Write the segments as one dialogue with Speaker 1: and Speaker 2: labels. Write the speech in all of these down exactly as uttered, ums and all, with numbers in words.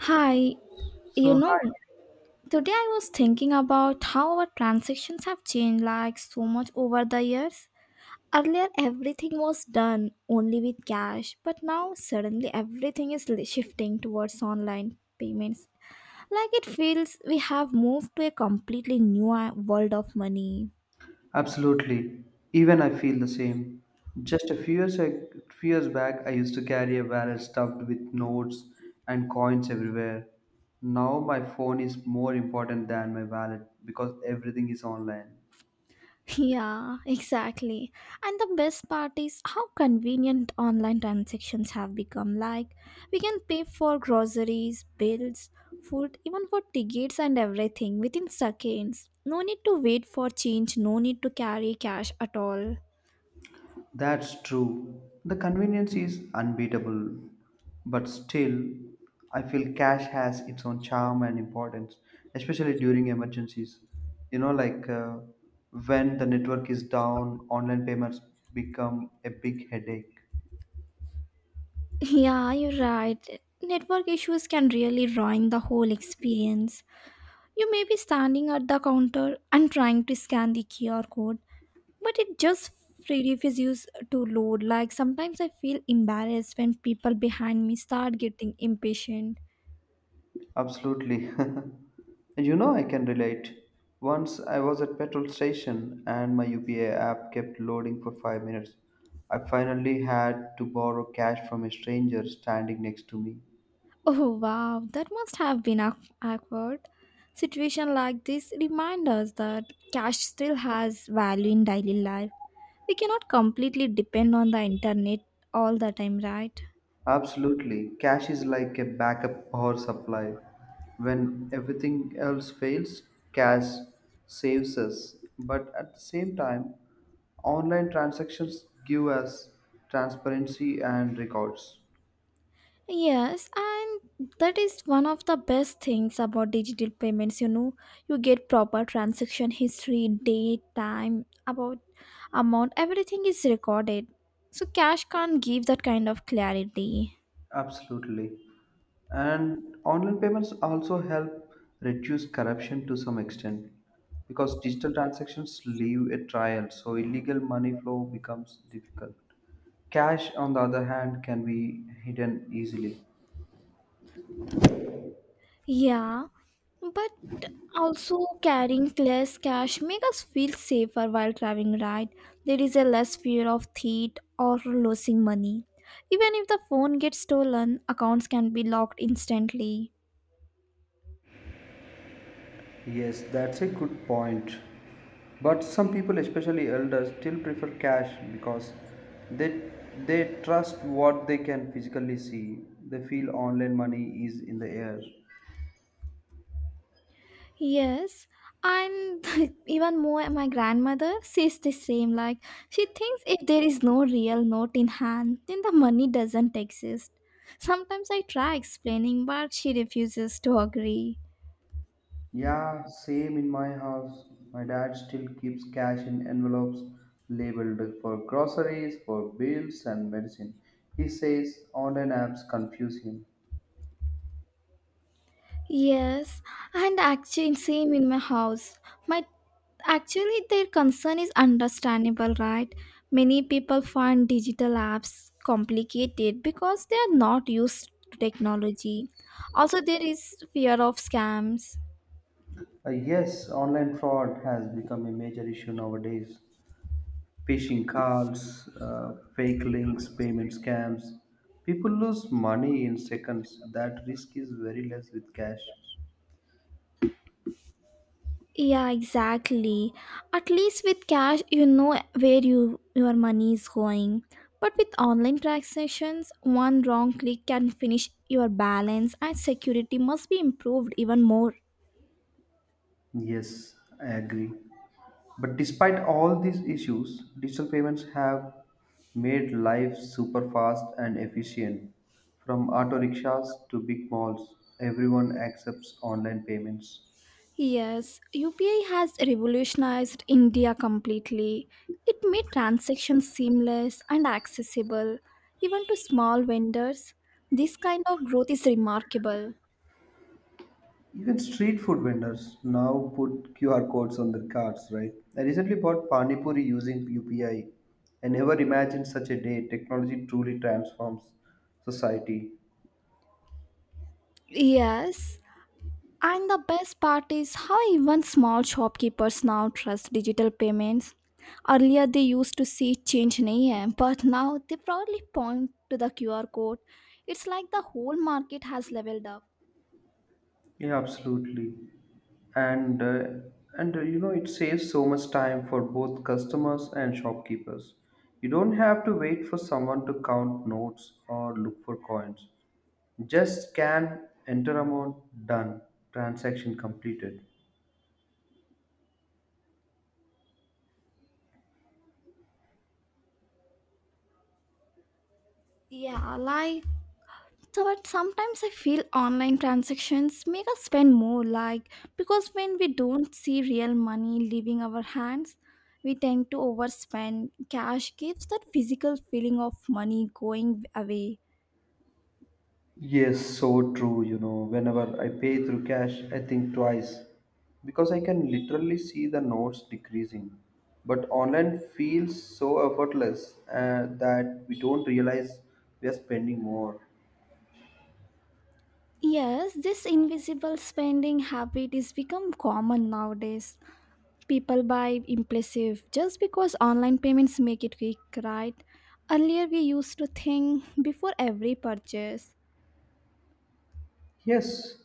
Speaker 1: Hi, you
Speaker 2: So
Speaker 1: know, today I was thinking about how our transactions have changed like so much over the years. Earlier, everything was done only with cash, but now suddenly everything is li- shifting towards online payments. Like it feels we have moved to a completely new uh, world of money.
Speaker 2: hi. Absolutely, even I feel the same. Just a few years, ag- few years back, I used to carry a wallet stuffed with notes and coins everywhere. Now my phone is more important than my wallet because everything is online.
Speaker 1: Yeah, exactly. And the best part is how convenient online transactions have become. Like, we can pay for groceries, bills, food, even for tickets and everything within seconds. No need to wait for change, no need to carry cash at all.
Speaker 2: That's true. The convenience is unbeatable, but still, I feel cash has its own charm and importance, especially during emergencies. You know, like uh, when the network is down, online payments become a big headache.
Speaker 1: Yeah, you're right. Network issues can really ruin the whole experience. You may be standing at the counter and trying to scan the Q R code, but it just free refuses to load. Like sometimes I feel embarrassed when people behind me start getting impatient.
Speaker 2: Absolutely. And you know, I can relate. Once I was at petrol station and my U P A app kept loading for five minutes. I finally had to borrow cash from a stranger standing next to me.
Speaker 1: Oh wow, that must have been a awkward situation. Like this remind us that cash still has value in daily life. We cannot completely depend on the internet all the time, right?
Speaker 2: Absolutely. Cash is like a backup power supply. When everything else fails, cash saves us. But at the same time, online transactions give us transparency and records.
Speaker 1: Yes, and that is one of the best things about digital payments. You know, you get proper transaction history, date, time, about amount, everything is recorded. So cash can't give that kind of clarity.
Speaker 2: Absolutely. And online payments also help reduce corruption to some extent because digital transactions leave a trail, so illegal money flow becomes difficult. Cash, on the other hand, can be hidden easily.
Speaker 1: Yeah, but also carrying less cash make us feel safer while traveling, right? There is a less fear of theft or losing money. Even if the phone gets stolen, accounts can be locked instantly.
Speaker 2: Yes, that's a good point. But some people, especially elders, still prefer cash because they they trust what they can physically see. They feel online money is in the air.
Speaker 1: Yes, and even more, my grandmother says the same. Like, she thinks if there is no real note in hand, then the money doesn't exist. Sometimes I try explaining, but she refuses to agree.
Speaker 2: Yeah, same in my house. My dad still keeps cash in envelopes labeled for groceries, for bills, and medicine. He says online apps confuse him.
Speaker 1: Yes, and actually, same in my house. My Actually, their concern is understandable, right? Many people find digital apps complicated because they are not used to technology. Also, there is fear of scams.
Speaker 2: Uh, yes, online fraud has become a major issue nowadays. Phishing calls, uh, fake links, payment scams. People lose money in seconds. That risk is very less with cash.
Speaker 1: Yeah, exactly. At least with cash, you know where you, your money is going. But with online transactions, one wrong click can finish your balance, and security must be improved even more.
Speaker 2: Yes, I agree. But despite all these issues, digital payments have made life super fast and efficient. From auto rickshaws to big malls, everyone accepts online payments.
Speaker 1: Yes, U P I has revolutionized India completely. It made transactions seamless and accessible, even to small vendors. This kind of growth is remarkable.
Speaker 2: Even street food vendors now put Q R codes on their cards, right? I recently bought Pani Puri using U P I. I I never imagined such a day. Technology truly transforms society.
Speaker 1: Yes, and the best part is how even small shopkeepers now trust digital payments. Earlier, they used to see change in A M, but now they proudly point to the Q R code. It's like the whole market has leveled up.
Speaker 2: Yeah, absolutely. And uh, and uh, You know, it saves so much time for both customers and shopkeepers. You don't have to wait for someone to count notes or look for coins. Just scan, enter amount, done, transaction completed.
Speaker 1: Yeah, like, so, but sometimes I feel online transactions make us spend more, like because when we don't see real money leaving our hands, we tend to overspend. Cash gives that physical feeling of money going away.
Speaker 2: Yes, so true. You know, whenever I pay through cash, I think twice because I can literally see the notes decreasing. But online feels so effortless uh, that we don't realize we are spending more.
Speaker 1: Yes, this invisible spending habit is become common nowadays. People buy impulsive just because online payments make it quick, right? Earlier we used to think before every purchase.
Speaker 2: Yes,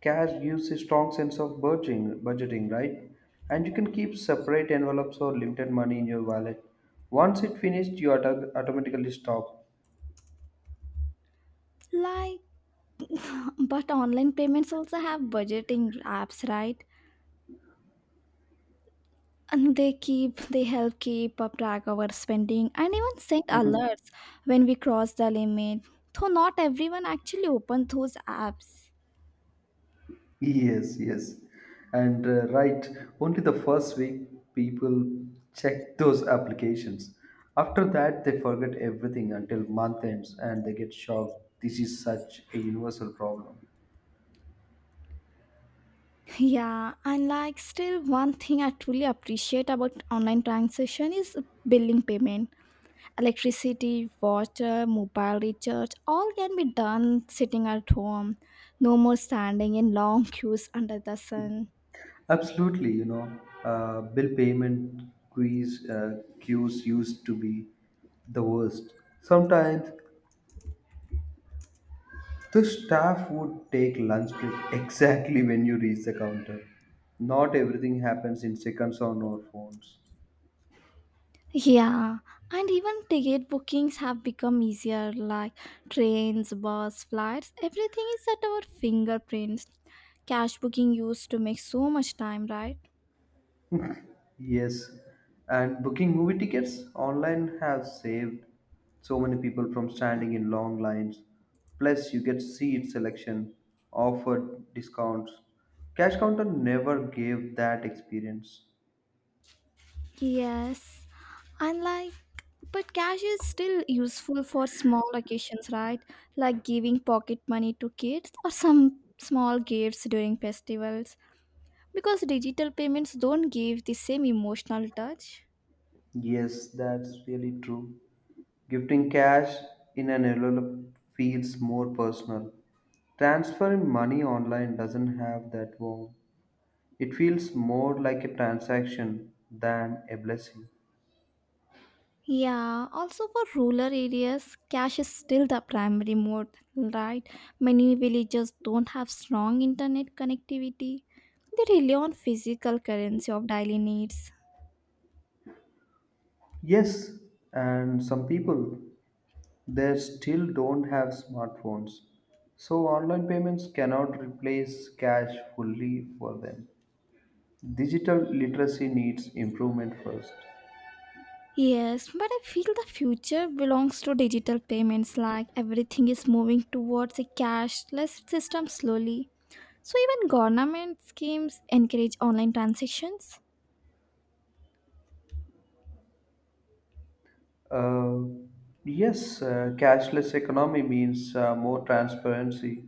Speaker 2: cash gives a strong sense of budgeting, budgeting, right? And you can keep separate envelopes or limited money in your wallet. Once it finished, you auto- automatically stop.
Speaker 1: Like, but online payments also have budgeting apps, right? And they keep they help keep up track of our spending and even send alerts when we cross the limit. Though not everyone actually opens those apps.
Speaker 2: Yes, yes. And uh, Right, only the first week people check those applications. After that, they forget everything until month ends and they get shocked. This is such a universal problem.
Speaker 1: Yeah, and like still one thing I truly appreciate about online transaction is billing payment. Electricity, water, mobile recharge, all can be done sitting at home. No more standing in long queues under the sun.
Speaker 2: Absolutely, you know, uh, bill payment quiz uh, queues used to be the worst. Sometimes the staff would take lunch break exactly when you reach the counter. Not everything happens in seconds on our phones.
Speaker 1: Yeah, and even ticket bookings have become easier, like trains, bus, flights, everything is at our fingerprints. Cash booking used to make so much time, right?
Speaker 2: Yes, and booking movie tickets online have saved so many people from standing in long lines. Plus, you get seat selection, offered discounts. Cash counter never gave that experience.
Speaker 1: Yes, and like, but cash is still useful for small occasions, right? Like giving pocket money to kids or some small gifts during festivals, because digital payments don't give the same emotional touch.
Speaker 2: Yes, that's really true. Gifting cash in an envelope feels more personal. Transferring money online doesn't have that warmth. It feels more like a transaction than a blessing.
Speaker 1: Yeah, also for rural areas, cash is still the primary mode, right? Many villages don't have strong internet connectivity. They rely on physical currency of daily needs.
Speaker 2: Yes, and some people they still don't have smartphones. So online payments cannot replace cash fully for them. Digital literacy needs improvement first.
Speaker 1: Yes, but I feel the future belongs to digital payments, like everything is moving towards a cashless system slowly. So even government schemes encourage online transactions.
Speaker 2: Uh, yes, uh, Cashless economy means uh, more transparency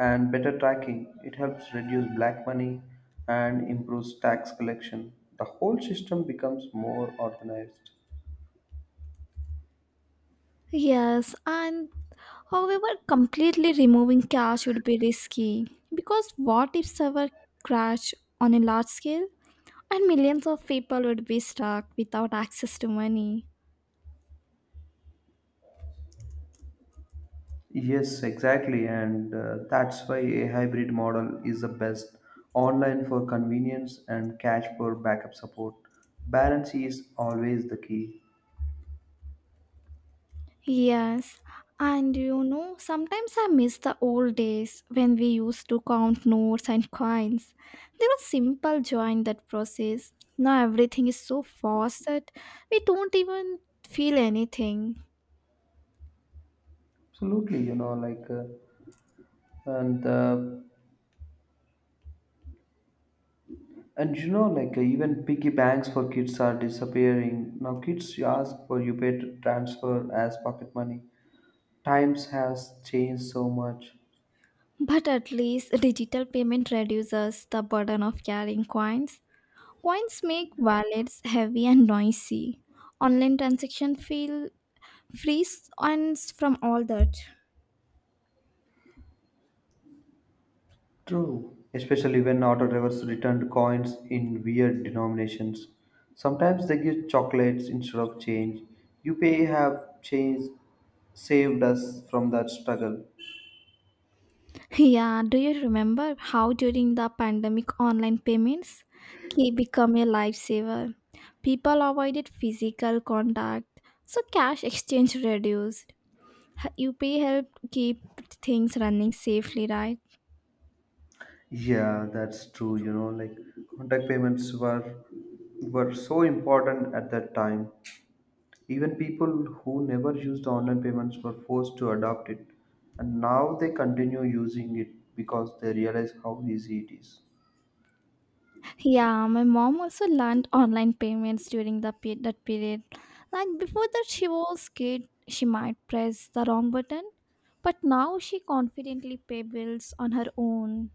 Speaker 2: and better tracking. It helps reduce black money and improves tax collection. The whole system becomes more organized.
Speaker 1: Yes, and however, completely removing cash would be risky, because what if server crash on a large scale and millions of people would be stuck without access to money?
Speaker 2: Yes, exactly, and uh, that's why a hybrid model is the best. Online for convenience and cash for backup support. Balance is always the key.
Speaker 1: Yes, and you know, sometimes I miss the old days when we used to count notes and coins. There was simple joy in that process. Now everything is so fast that we don't even feel anything.
Speaker 2: Absolutely, you know, like uh, and uh, and you know, like uh, even piggy banks for kids are disappearing now. Kids ask for you pay to transfer as pocket money. Times has changed so much.
Speaker 1: But at least digital payment reduces the burden of carrying coins. Coins make wallets heavy and noisy. Online transaction feel frees us from all that.
Speaker 2: True. Especially when auto drivers returned coins in weird denominations. Sometimes they give chocolates instead of change. You pay have change saved us from that struggle.
Speaker 1: Yeah, do you remember how during the pandemic online payments key become a lifesaver? People avoided physical contact, so cash exchange reduced. H- U P I helped keep things running safely, right?
Speaker 2: Yeah, that's true. You know, like contact payments were were so important at that time. Even people who never used online payments were forced to adopt it, and now they continue using it because they realize how easy it is.
Speaker 1: Yeah, my mom also learned online payments during the pe- that period. Like before that, she was scared she might press the wrong button, but now she confidently pay bills on her own.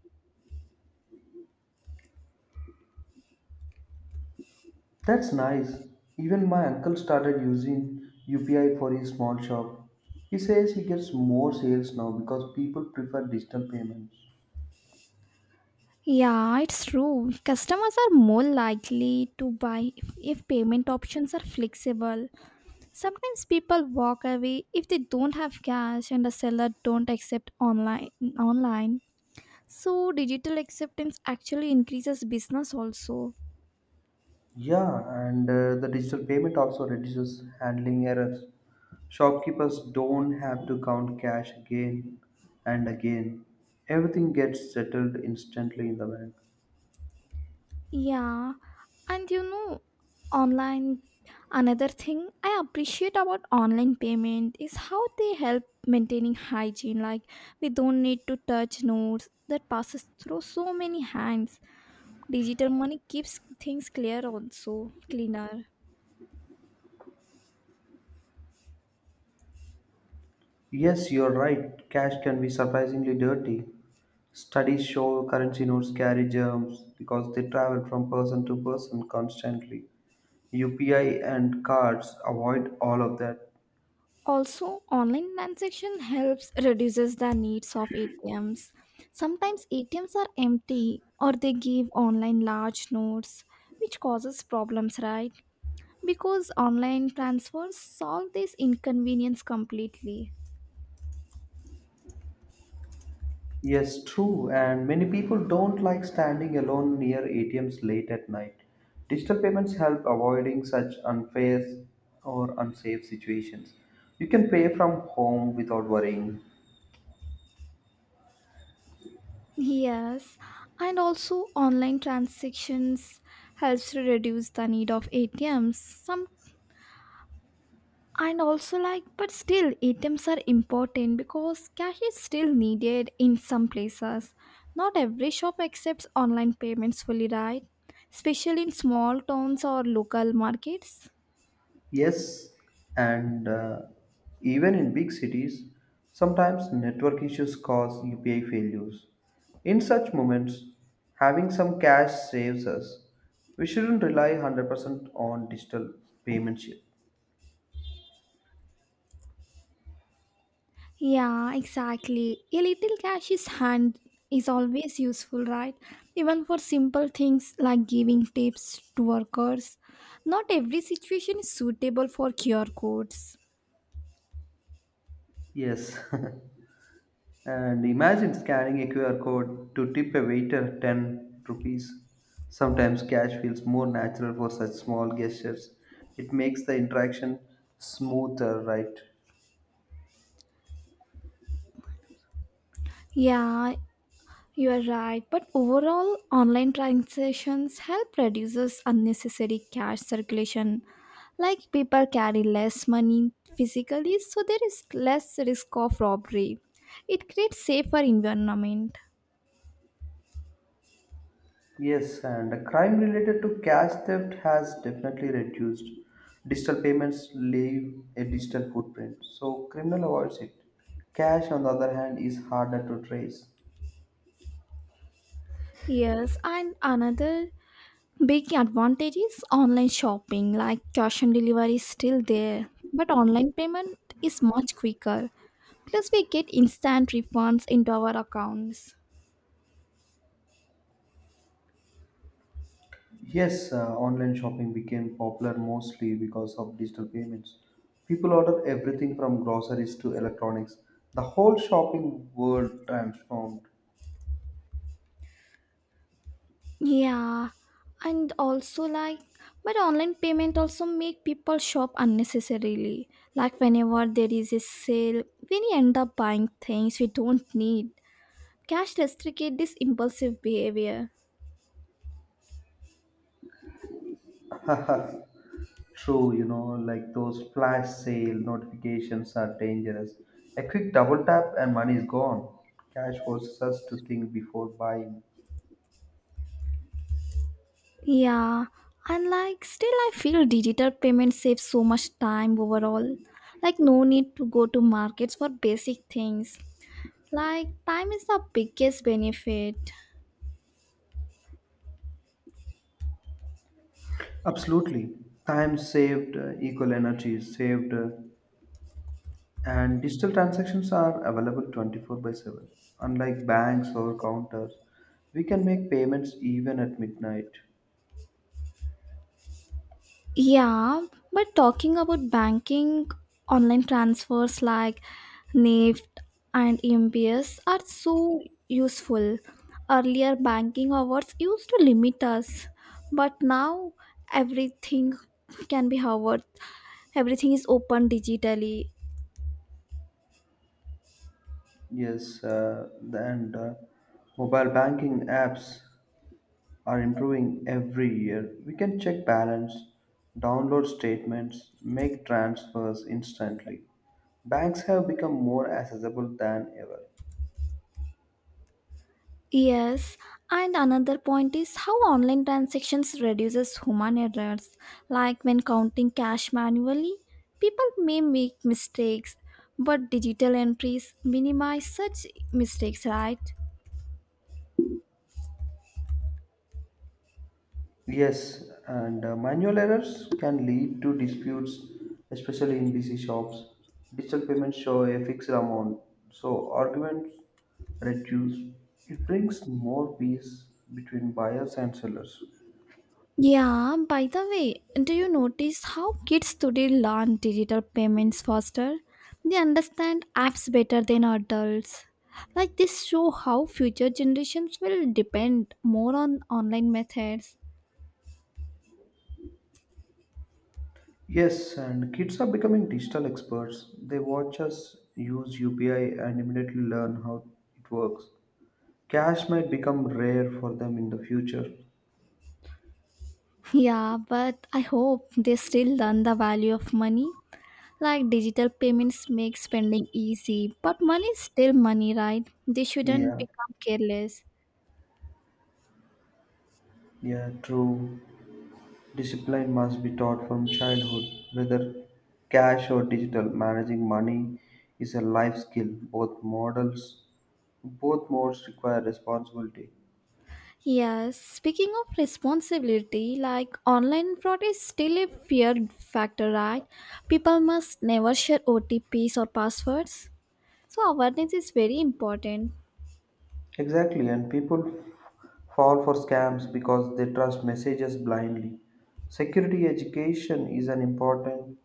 Speaker 2: That's nice. Even my uncle started using U P I for his small shop. He says he gets more sales now because people prefer digital payments.
Speaker 1: Yeah, it's true. Customers are more likely to buy if, if payment options are flexible. Sometimes people walk away if they don't have cash and the seller don't accept online online. So digital acceptance actually increases business also.
Speaker 2: Yeah, and uh, the digital payment also reduces handling errors. Shopkeepers don't have to count cash again and again. Everything gets settled instantly in the bank.
Speaker 1: Yeah, and you know, online, another thing I appreciate about online payment is how they help maintaining hygiene. Like, we don't need to touch notes that passes through so many hands. Digital money keeps things clear also, cleaner.
Speaker 2: Yes, you're right. Cash can be surprisingly dirty. Studies show currency notes carry germs because they travel from person to person constantly. U P I and cards avoid all of that.
Speaker 1: Also, online transaction helps reduces the needs of A T Ms. Sometimes A T Ms are empty or they give online large notes, which causes problems, right? Because online transfers solve this inconvenience completely.
Speaker 2: Yes, true, and many people don't like standing alone near A T Ms late at night. Digital payments help avoiding such unfair or unsafe situations. You can pay from home without worrying.
Speaker 1: Yes, and also online transactions helps to reduce the need of A T Ms. Some and also like, but still A T Ms are important because cash is still needed in some places. Not every shop accepts online payments fully, right? Especially in small towns or local markets.
Speaker 2: Yes, and uh, even in big cities, sometimes network issues cause U P I failures. In such moments, having some cash saves us. We shouldn't rely one hundred percent on digital payments. yet.
Speaker 1: Yeah, exactly. A little cash is hand is always useful, right? Even for simple things like giving tips to workers. Not every situation is suitable for Q R codes.
Speaker 2: Yes, and imagine scanning a Q R code to tip a waiter ten rupees. Sometimes cash feels more natural for such small gestures. It makes the interaction smoother, right?
Speaker 1: Yeah, you are right. But overall, online transactions help reduces unnecessary cash circulation. Like people carry less money physically, so there is less risk of robbery. It creates safer environment.
Speaker 2: Yes, and crime related to cash theft has definitely reduced. Digital payments leave a digital footprint, so criminal avoids it. Cash, on the other hand, is harder to trace.
Speaker 1: Yes, and another big advantage is online shopping, like cash on delivery is still there, but online payment is much quicker. Plus, we get instant refunds into our accounts.
Speaker 2: Yes, uh, online shopping became popular mostly because of digital payments. People order everything from groceries to electronics. The whole shopping world transformed.
Speaker 1: Yeah, and also like, but online payment also make people shop unnecessarily. Like whenever there is a sale, we end up buying things we don't need. Cash restricted this impulsive behavior.
Speaker 2: True, you know, like those flash sale notifications are dangerous. A quick double tap and money is gone. Cash forces us to think before buying.
Speaker 1: Yeah, and like still, I feel digital payment saves so much time overall. Like, no need to go to markets for basic things. Like, time is the biggest benefit.
Speaker 2: Absolutely. Time saved, uh, equal energy is saved, uh, and digital transactions are available twenty-four by seven. Unlike banks or counters, we can make payments even at midnight.
Speaker 1: Yeah, but talking about banking, online transfers like N E F T and M P S are so useful. Earlier, banking hours used to limit us, but now everything can be hovered. Everything is open digitally.
Speaker 2: Yes, uh, and uh, mobile banking apps. Are improving every year. We can check balance, download statements, make transfers instantly. Banks have become more accessible than ever.
Speaker 1: Yes, and another point is how online transactions reduces human errors. Like when counting cash manually, people may make mistakes, but digital entries minimize such mistakes, right?
Speaker 2: Yes, and uh, manual errors can lead to disputes, especially in busy shops. Digital payments show a fixed amount, so arguments reduce. It brings more peace between buyers and sellers.
Speaker 1: Yeah, by the way, do you notice how kids today learn digital payments faster? They understand apps better than adults. Like this show how future generations will depend more on online methods.
Speaker 2: Yes, and kids are becoming digital experts. They watch us use U P I and immediately learn how it works. Cash might become rare for them in the future.
Speaker 1: Yeah, but I hope they still learn the value of money. Like digital payments make spending easy, but money is still money, right? They shouldn't
Speaker 2: Yeah,
Speaker 1: become careless.
Speaker 2: yeah, true. Discipline must be taught from childhood. Whether cash or digital, managing money is a life skill. Both models, both modes require responsibility.
Speaker 1: Yes, speaking of responsibility, like online fraud is still a fear factor, right? People must never share O T Ps or passwords. So awareness is very important.
Speaker 2: Exactly, and people f- fall for scams because they trust messages blindly. Security education is an important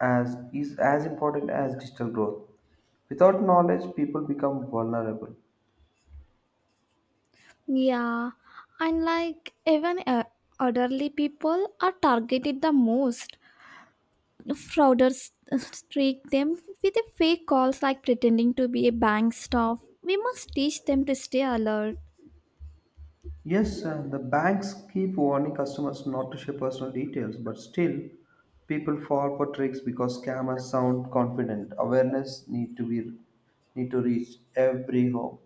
Speaker 2: as is as important as digital growth. Without knowledge, people become vulnerable.
Speaker 1: Yeah, and like even uh, elderly people are targeted the most. Frauders trick them with a fake calls, like pretending to be a bank staff. We must teach them to stay alert.
Speaker 2: Yes, and the banks keep warning customers not to share personal details, but still, people fall for tricks because scammers sound confident. Awareness need to be need to reach every home.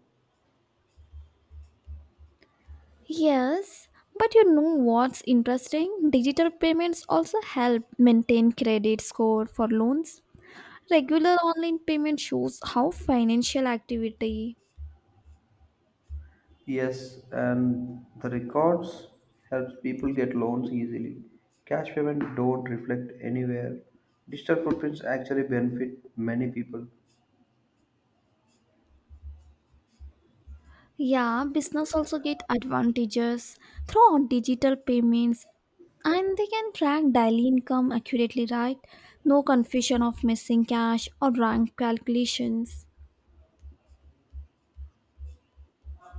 Speaker 1: Yes, but you know what's interesting? Digital payments also help maintain credit score for loans. Regular online payment shows how financial activity.
Speaker 2: Yes, and the records helps people get loans easily. Cash payment don't reflect anywhere. Digital footprints actually benefit many people.
Speaker 1: Yeah, business also get advantages through digital payments and they can track daily income accurately, right? No confusion of missing cash or wrong calculations.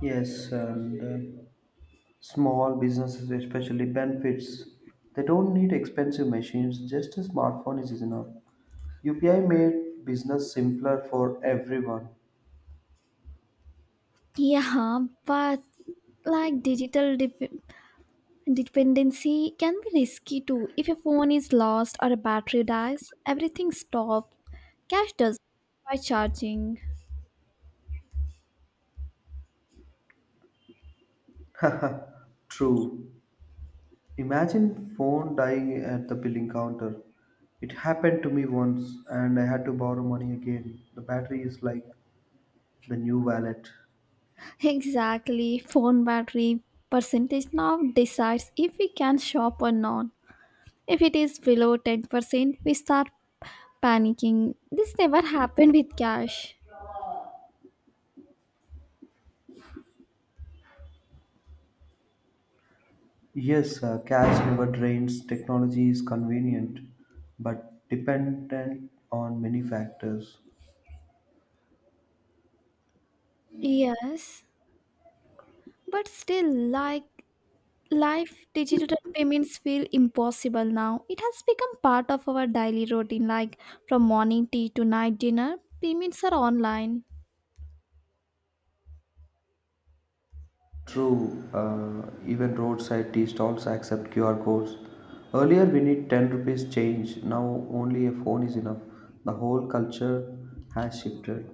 Speaker 2: Yes, and uh, small businesses especially benefits. They don't need expensive machines, just a smartphone is enough. U P I made business simpler for everyone.
Speaker 1: Yeah, but like digital dep- dependency can be risky too. If your phone is lost or a battery dies, everything stops. Cash does by charging.
Speaker 2: True. Imagine phone dying at the billing counter. It happened to me once and I had to borrow money again. The battery is like the new wallet.
Speaker 1: Exactly, phone battery percentage now decides if we can shop or not. If it is below ten percent, we start panicking. This never happened with cash.
Speaker 2: Yes, uh, cash never drains. Technology is convenient but dependent on many factors.
Speaker 1: Yes, but still, like life, digital payments feel impossible now. It has become part of our daily routine, like from morning tea to night dinner, payments are online.
Speaker 2: True, uh, even roadside tea stalls accept Q R codes. Earlier we need ten rupees change, now only a phone is enough. The whole culture has shifted.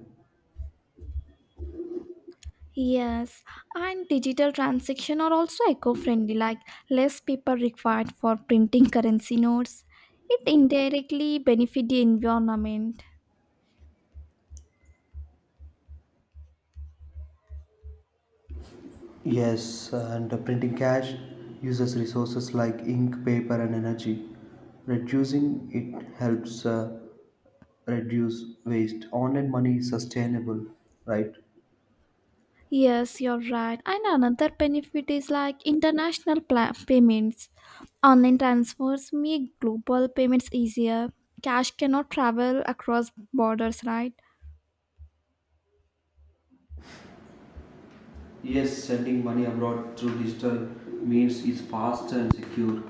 Speaker 1: Yes, and digital transactions are also eco-friendly, like less paper required for printing currency notes. It indirectly benefit the environment.
Speaker 2: Yes, and printing cash uses resources like ink, paper, and energy. Reducing it helps uh, reduce waste. Online money is sustainable, right?
Speaker 1: Yes, you're right. And another benefit is like international pla- payments. Online transfers make global payments easier. Cash cannot travel across borders, right?
Speaker 2: Yes, sending money abroad through digital means is fast and secure.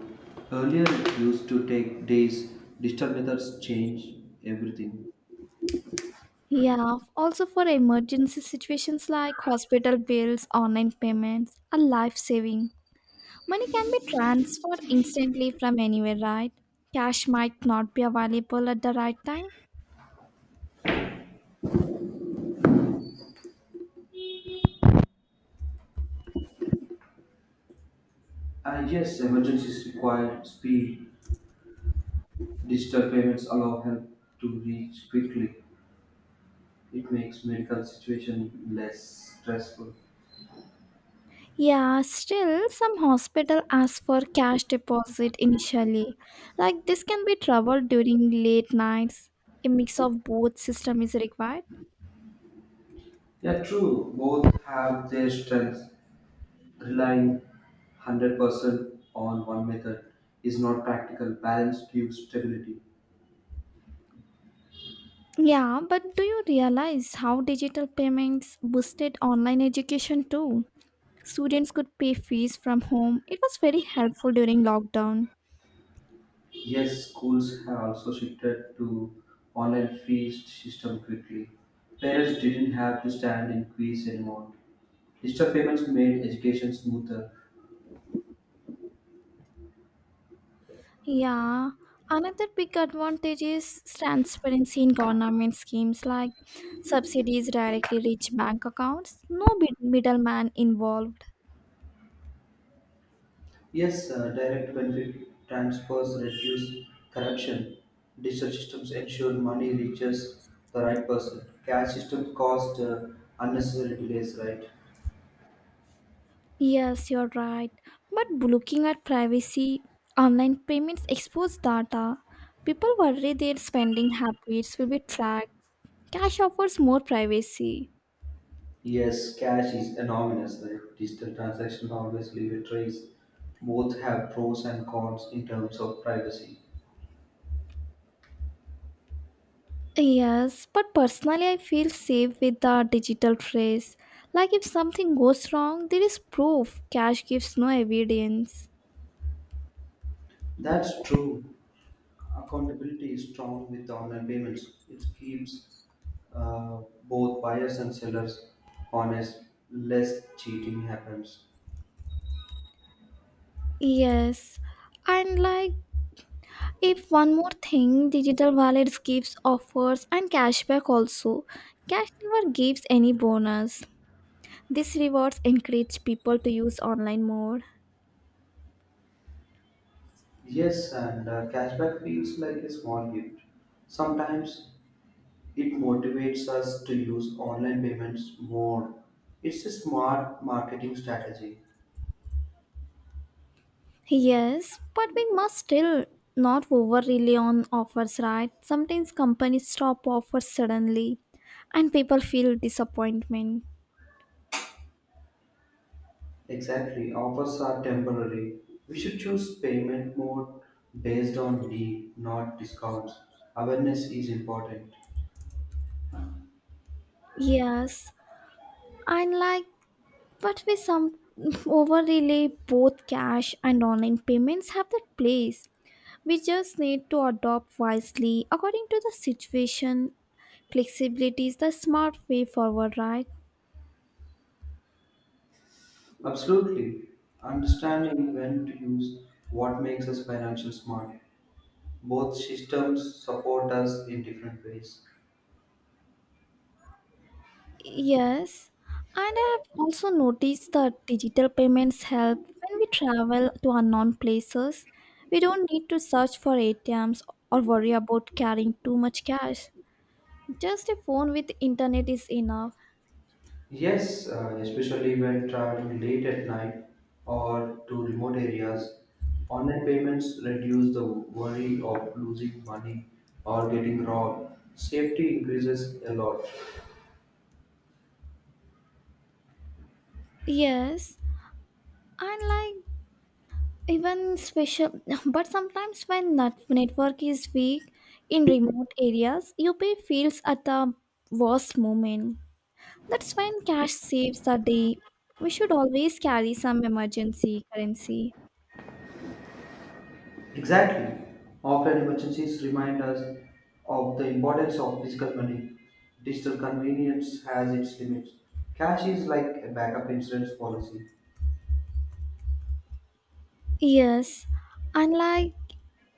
Speaker 2: Earlier, it used to take days. Digital methods change everything.
Speaker 1: Yeah, also for emergency situations like hospital bills, online payments are life saving. Money can be transferred instantly from anywhere, right? Cash might not be available at the right time.
Speaker 2: And yes, emergencies require speed. Digital payments allow help to reach quickly. It makes medical situation less stressful.
Speaker 1: Yeah, still some hospital ask for cash deposit initially. Like this can be trouble during late nights. A mix of both system is required.
Speaker 2: Yeah, true. Both have their strengths. Relying one hundred percent on one method is not practical. Balance gives stability.
Speaker 1: Yeah, but do you realize how digital payments boosted online education too? Students could pay fees from home. It was very helpful during lockdown.
Speaker 2: Yes, schools have also shifted to online fee system quickly. Parents didn't have to stand in queues anymore. Digital payments made education smoother.
Speaker 1: Yeah, another big advantage is transparency in government schemes like subsidies directly reach bank accounts, no mid- middleman involved.
Speaker 2: Yes, uh, direct benefit transfers reduce corruption. Digital systems ensure money reaches the right person. Cash systems cause uh, unnecessary delays, right?
Speaker 1: Yes, you're right. But looking at privacy, online payments expose data. People worry their spending habits will be tracked. Cash offers more privacy.
Speaker 2: Yes, cash is anonymous, right? Digital transactions always leave a trace. Both have pros and cons in terms of privacy.
Speaker 1: Yes, but personally, I feel safe with the digital trace. Like if something goes wrong, there is proof. Cash gives no evidence.
Speaker 2: That's true. Accountability is strong with online payments. It keeps uh, both buyers and sellers honest. Less cheating happens.
Speaker 1: Yes, and like if one more thing, digital wallets gives offers and cashback also. Cash never gives any bonus. This rewards encourage people to use online more.
Speaker 2: Yes, and uh, cashback feels like a small gift. Sometimes it motivates us to use online payments more. It's a smart marketing strategy.
Speaker 1: Yes, but we must still not over rely on offers, right? Sometimes companies stop offers suddenly and people feel disappointment.
Speaker 2: Exactly, offers are temporary. We should choose payment mode based on need, not discounts. Awareness is important.
Speaker 1: Yes, and like, but we some over rely both cash and online payments have their place. We just need to adopt wisely according to the situation. Flexibility is the smart way forward, right?
Speaker 2: Absolutely, understanding when to use what makes us financial smart. Both systems support us in different ways.
Speaker 1: Yes, and I have also noticed that digital payments help when we travel to unknown places. We don't need to search for A T Ms or worry about carrying too much cash. Just a phone with internet is enough.
Speaker 2: Yes, uh, especially when traveling late at night or to remote areas, online payments reduce the worry of losing money or getting robbed. Safety increases a lot.
Speaker 1: Yes, and like even special, but sometimes when net- network is weak in remote areas, you pay feels at the worst moment. That's when cash saves the day. We should always carry some emergency currency.
Speaker 2: Exactly. Often emergencies remind us of the importance of physical money. Digital convenience has its limits. Cash is like a backup insurance policy.
Speaker 1: Yes, unlike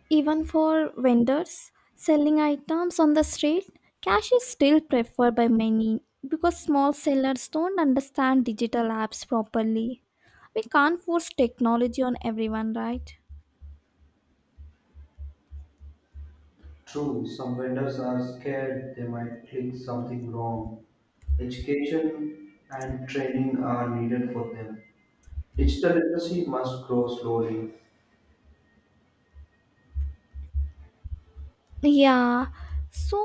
Speaker 1: even for vendors selling items on the street, cash is still preferred by many because small sellers don't understand digital apps properly. We can't force technology on everyone, right?
Speaker 2: True, some vendors are scared they might click something wrong. Education and training are needed for them. Digital literacy must grow slowly.
Speaker 1: Yeah, so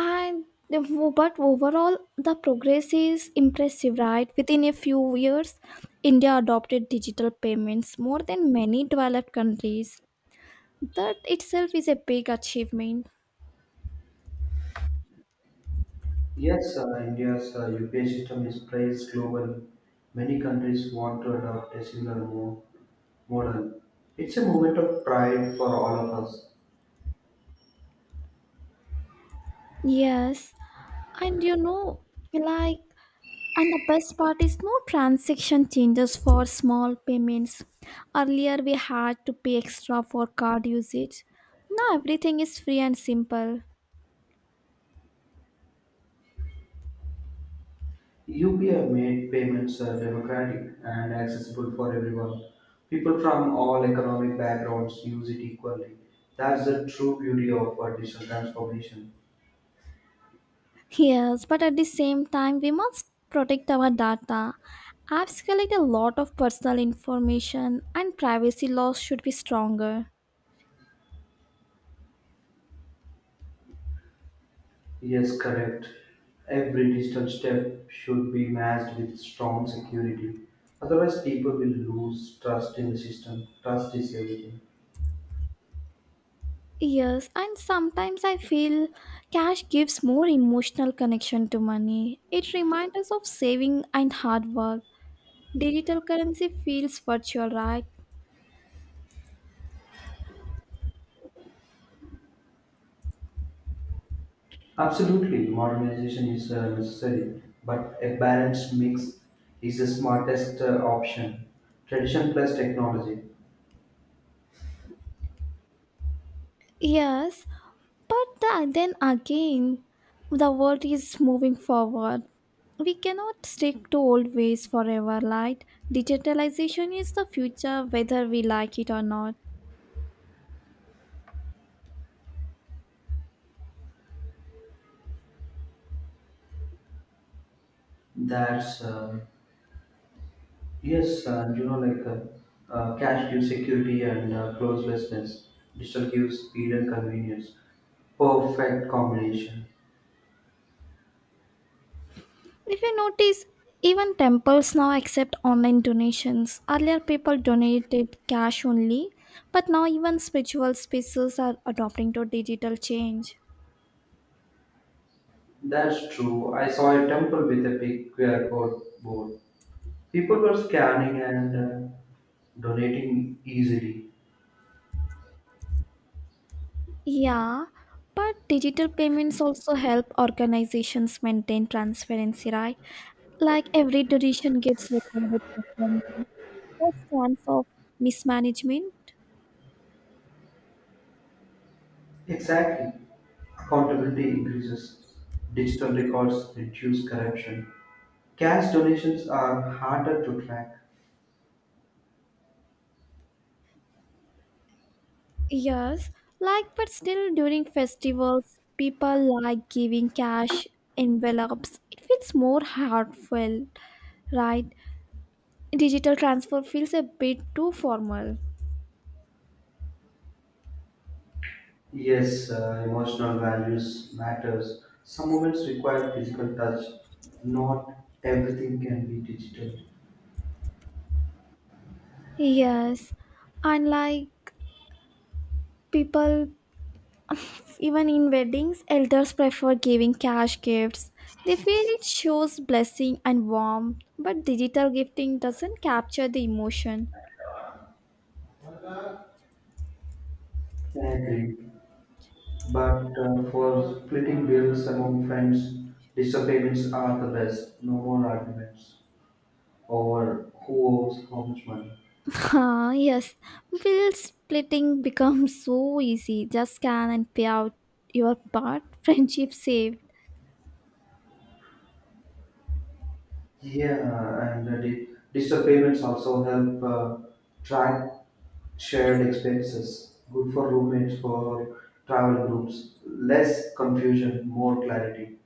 Speaker 1: And the- but overall, the progress is impressive, right? Within a few years, India adopted digital payments more than many developed countries. That itself is a big achievement.
Speaker 2: Yes, uh, India's uh, U P I system is praised globally. Many countries want to adopt a similar mo- model. It's a moment of pride for all of us.
Speaker 1: Yes, and you know, like, and the best part is no transaction changes for small payments. Earlier, we had to pay extra for card usage. Now everything is free and simple.
Speaker 2: U P I made payments uh, democratic and accessible for everyone. People from all economic backgrounds use it equally. That's the true beauty of uh, digital transformation.
Speaker 1: Yes, but at the same time, we must protect our data. Apps collect a lot of personal information, and privacy laws should be stronger.
Speaker 2: Yes, correct. Every digital step should be matched with strong security. Otherwise, people will lose trust in the system. Trust is everything.
Speaker 1: Yes, and sometimes I feel cash gives more emotional connection to money. It reminds us of saving and hard work. Digital currency feels virtual, right?
Speaker 2: Absolutely, modernization is uh, necessary, but a balanced mix is the smartest uh, option. Tradition plus technology.
Speaker 1: Yes, But the, then again, the world is moving forward. We cannot stick to old ways forever, right? Digitalization is the future, whether we like it or not.
Speaker 2: That's uh, Yes, and you know, like uh, uh, cash gives security and uh, closelessness. Digital gives speed and convenience. Perfect combination.
Speaker 1: If you notice, even temples now accept online donations. Earlier, people donated cash only, but now even spiritual spaces are adopting to digital change.
Speaker 2: That's true. I saw a temple with a big Q R code board. People were scanning and uh, donating easily.
Speaker 1: Yeah, but digital payments also help organizations maintain transparency, right? Like every donation gets recorded properly. That chance of mismanagement.
Speaker 2: Exactly. Accountability increases. Digital records reduce corruption. Cash donations are harder to track.
Speaker 1: Yes, like but still during festivals, people like giving cash envelopes. It feels more heartfelt, right? Digital transfer feels a bit too formal.
Speaker 2: Yes, uh, emotional values matters. Some moments require physical touch. Not everything can be digital.
Speaker 1: Yes, and like people even in weddings, elders prefer giving cash gifts. They feel it shows blessing and warmth, but digital gifting doesn't capture the emotion.
Speaker 2: I agree. But uh, for splitting bills among friends, digital payments are the best. No more arguments over who owes how much money.
Speaker 1: Ah, yes, bill splitting becomes so easy. Just scan and pay out your part, friendship saved.
Speaker 2: Yeah, and uh, di- digital payments also help uh, track shared expenses. Good for roommates, for travel groups. Less confusion, more clarity.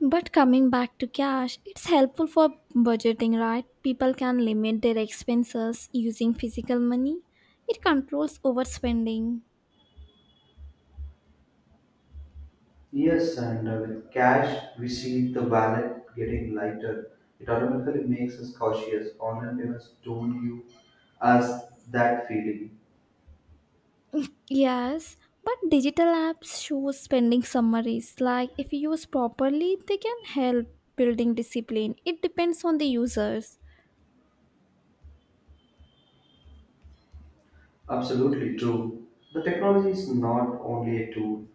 Speaker 1: But coming back to cash, it's helpful for budgeting, right? People can limit their expenses using physical money. It controls overspending.
Speaker 2: Yes, and uh, with cash, we see the wallet getting lighter. It automatically makes us cautious. Online payments don't give us that feeling.
Speaker 1: Yes, but digital apps show spending summaries. Like if used properly, they can help building discipline. It depends on the users.
Speaker 2: Absolutely true. The technology is not only a tool.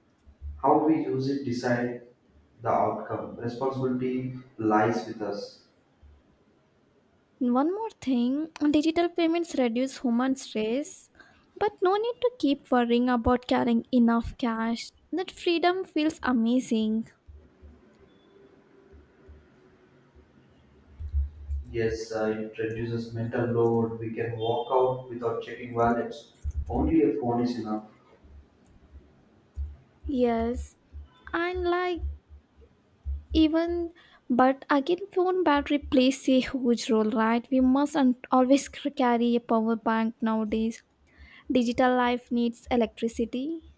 Speaker 2: How we use it decide the outcome. Responsibility lies with us.
Speaker 1: One more thing, digital payments reduce human stress, but no need to keep worrying about carrying enough cash. That freedom feels amazing.
Speaker 2: Yes, uh, it reduces mental load. We can walk out without checking wallets. Only a phone is enough.
Speaker 1: Yes, and like even but again phone battery plays a huge role, right? We must un- always c- carry a power bank nowadays. Digital life needs electricity.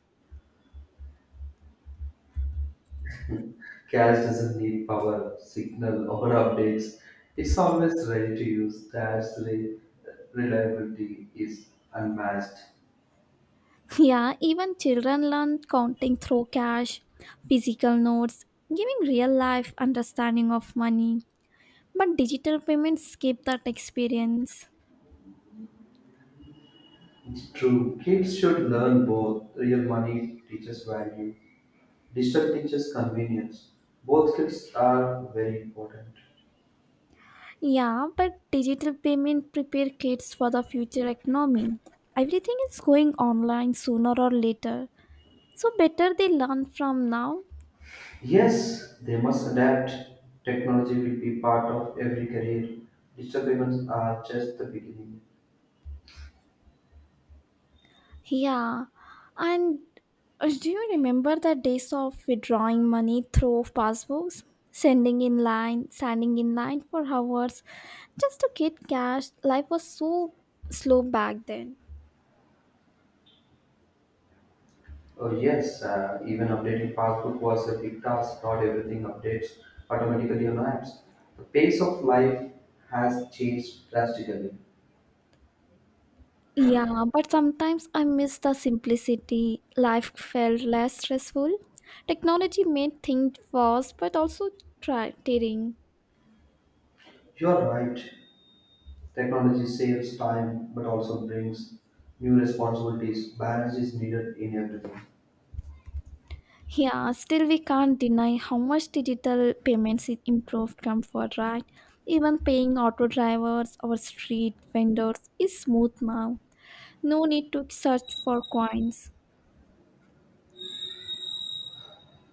Speaker 2: Cash doesn't need power, signal, or updates. It's always ready to use. That's re- reliability is unmatched.
Speaker 1: Yeah, even children learn counting through cash, physical notes, giving real life understanding of money. But digital payments skip that experience.
Speaker 2: It's true. Kids should learn both. Real money teaches value. Digital teaches convenience. Both skills are very important.
Speaker 1: Yeah, but digital payment prepare kids for the future economy. Everything is going online sooner or later. So better they learn from now.
Speaker 2: Yes, they must adapt. Technology will be part of every career. Digital payments are just the beginning.
Speaker 1: Yeah, and uh, do you remember the days of withdrawing money through passbooks, sending in line, standing in line for hours just to get cash? Life was so slow back then.
Speaker 2: Oh, yes, uh, even updating passbook was a big task. Not everything updates automatically on apps. The pace of life has changed drastically.
Speaker 1: Yeah, but sometimes I miss the simplicity. Life felt less stressful. Technology made things fast, but also try- tiring.
Speaker 2: You're right. Technology saves time but also brings new responsibilities. Balance is needed in everything.
Speaker 1: Yeah, still we can't deny how much digital payments i- improved comfort, right? Even paying auto drivers or street vendors is smooth now. No need to search for coins.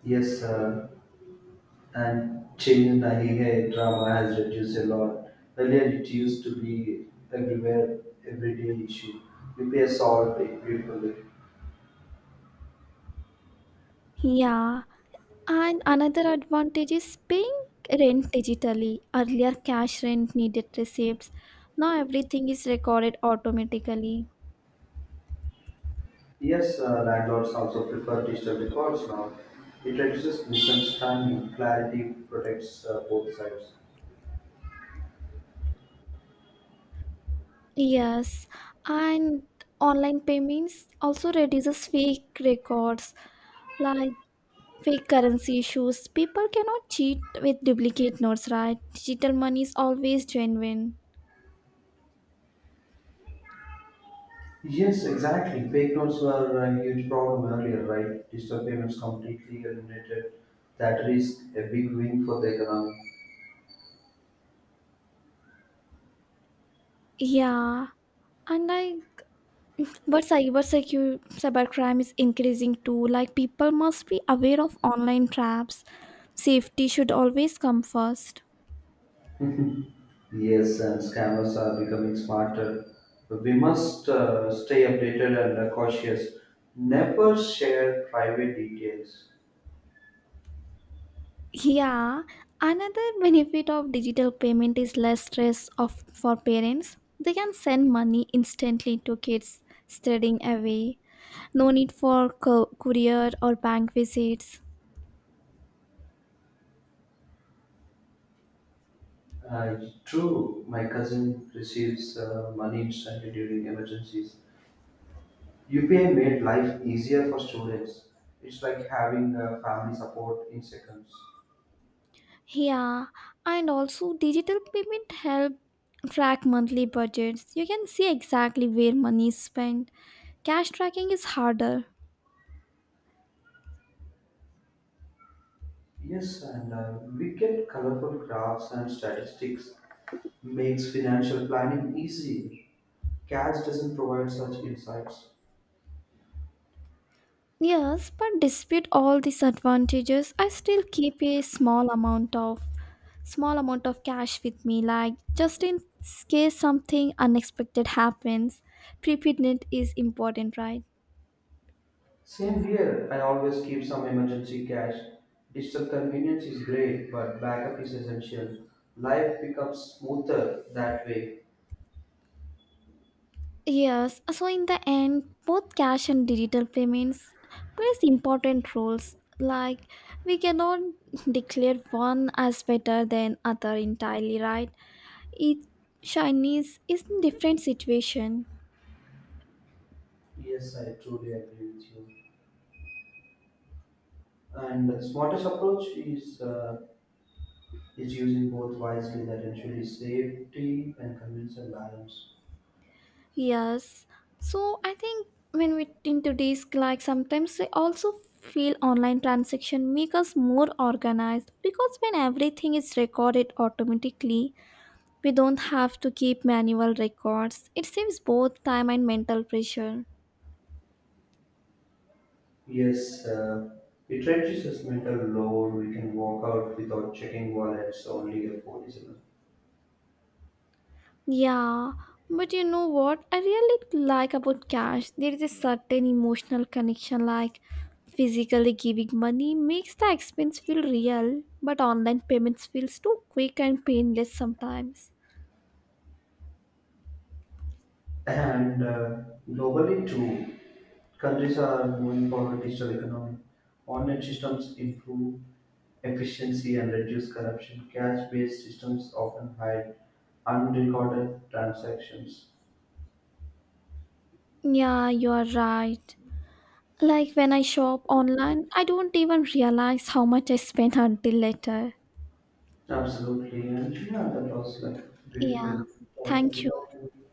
Speaker 2: Yes, uh, and change in Nahiga drama has reduced a lot. Earlier, it used to be everywhere, everyday issue. You pay solved it beautifully.
Speaker 1: Yeah, and another advantage is paying rent digitally. Earlier, cash rent needed receipts. Now everything is recorded automatically.
Speaker 2: Yes, uh, landlords also prefer digital records now. It reduces misunderstanding, clarity protects uh, both sides.
Speaker 1: Yes, and online payments also reduces fake records like fake currency issues. People cannot cheat with duplicate notes, right? Digital money is always genuine.
Speaker 2: Yes, exactly. Fake notes were a huge problem earlier, right? Digital payments completely eliminated that risk, a big win for the
Speaker 1: Yeah. And like, but cyber secure cybercrime is increasing too. Like, people must be aware of online traps. Safety should always come first.
Speaker 2: economy. Yes, and scammers are becoming smarter. We must uh, stay updated and uh, cautious. Never share private details.
Speaker 1: Yeah, another benefit of digital payment is less stress of for parents. They can send money instantly to kids studying away. No need for co- courier or bank visits.
Speaker 2: Uh, True, my cousin receives uh, money instantly during emergencies. U P I made life easier for students. It's like having uh, family support in seconds.
Speaker 1: Yeah, and also digital payment help track monthly budgets. You can see exactly where money is spent. Cash tracking is harder.
Speaker 2: Yes, and uh, we get colorful graphs and statistics. Makes financial planning easy. Cash doesn't provide such insights.
Speaker 1: Yes, but despite all these advantages, I still keep a small amount of small amount of cash with me, like just in case something unexpected happens. Preparedness is important, right?
Speaker 2: Same here, I always keep some emergency cash. Digital convenience is great, but backup is essential. Life becomes smoother that way.
Speaker 1: Yes, so in the end, both cash and digital payments plays important roles. Like we cannot declare one as better than other entirely, right? Each Chinese is in different situation.
Speaker 2: Yes, I truly agree with you. And the smartest approach is uh, is using both wisely that ensures safety and convenience and balance.
Speaker 1: Yes, so I think when we into this, like sometimes we also feel online transaction make us more organized because when everything is recorded automatically, we don't have to keep manual records. It saves both time and mental pressure.
Speaker 2: Yes, uh, it reduces mental load. We can walk out without checking wallets. Only your phone is enough.
Speaker 1: Yeah, but you know what? I really like about cash. There is a certain emotional connection, like physically giving money makes the expense feel real, but online payments feels too quick and painless sometimes.
Speaker 2: And uh, globally, too, countries are moving forward digital economy. Online systems improve efficiency and reduce corruption. Cash-based systems often hide unrecorded transactions.
Speaker 1: Yeah, you are right. Like when I shop online, I don't even realize how much I spend until later.
Speaker 2: Absolutely, and yeah, that was like beautiful
Speaker 1: Yeah,
Speaker 2: talk. Is
Speaker 1: thank
Speaker 2: it
Speaker 1: you.
Speaker 2: okay?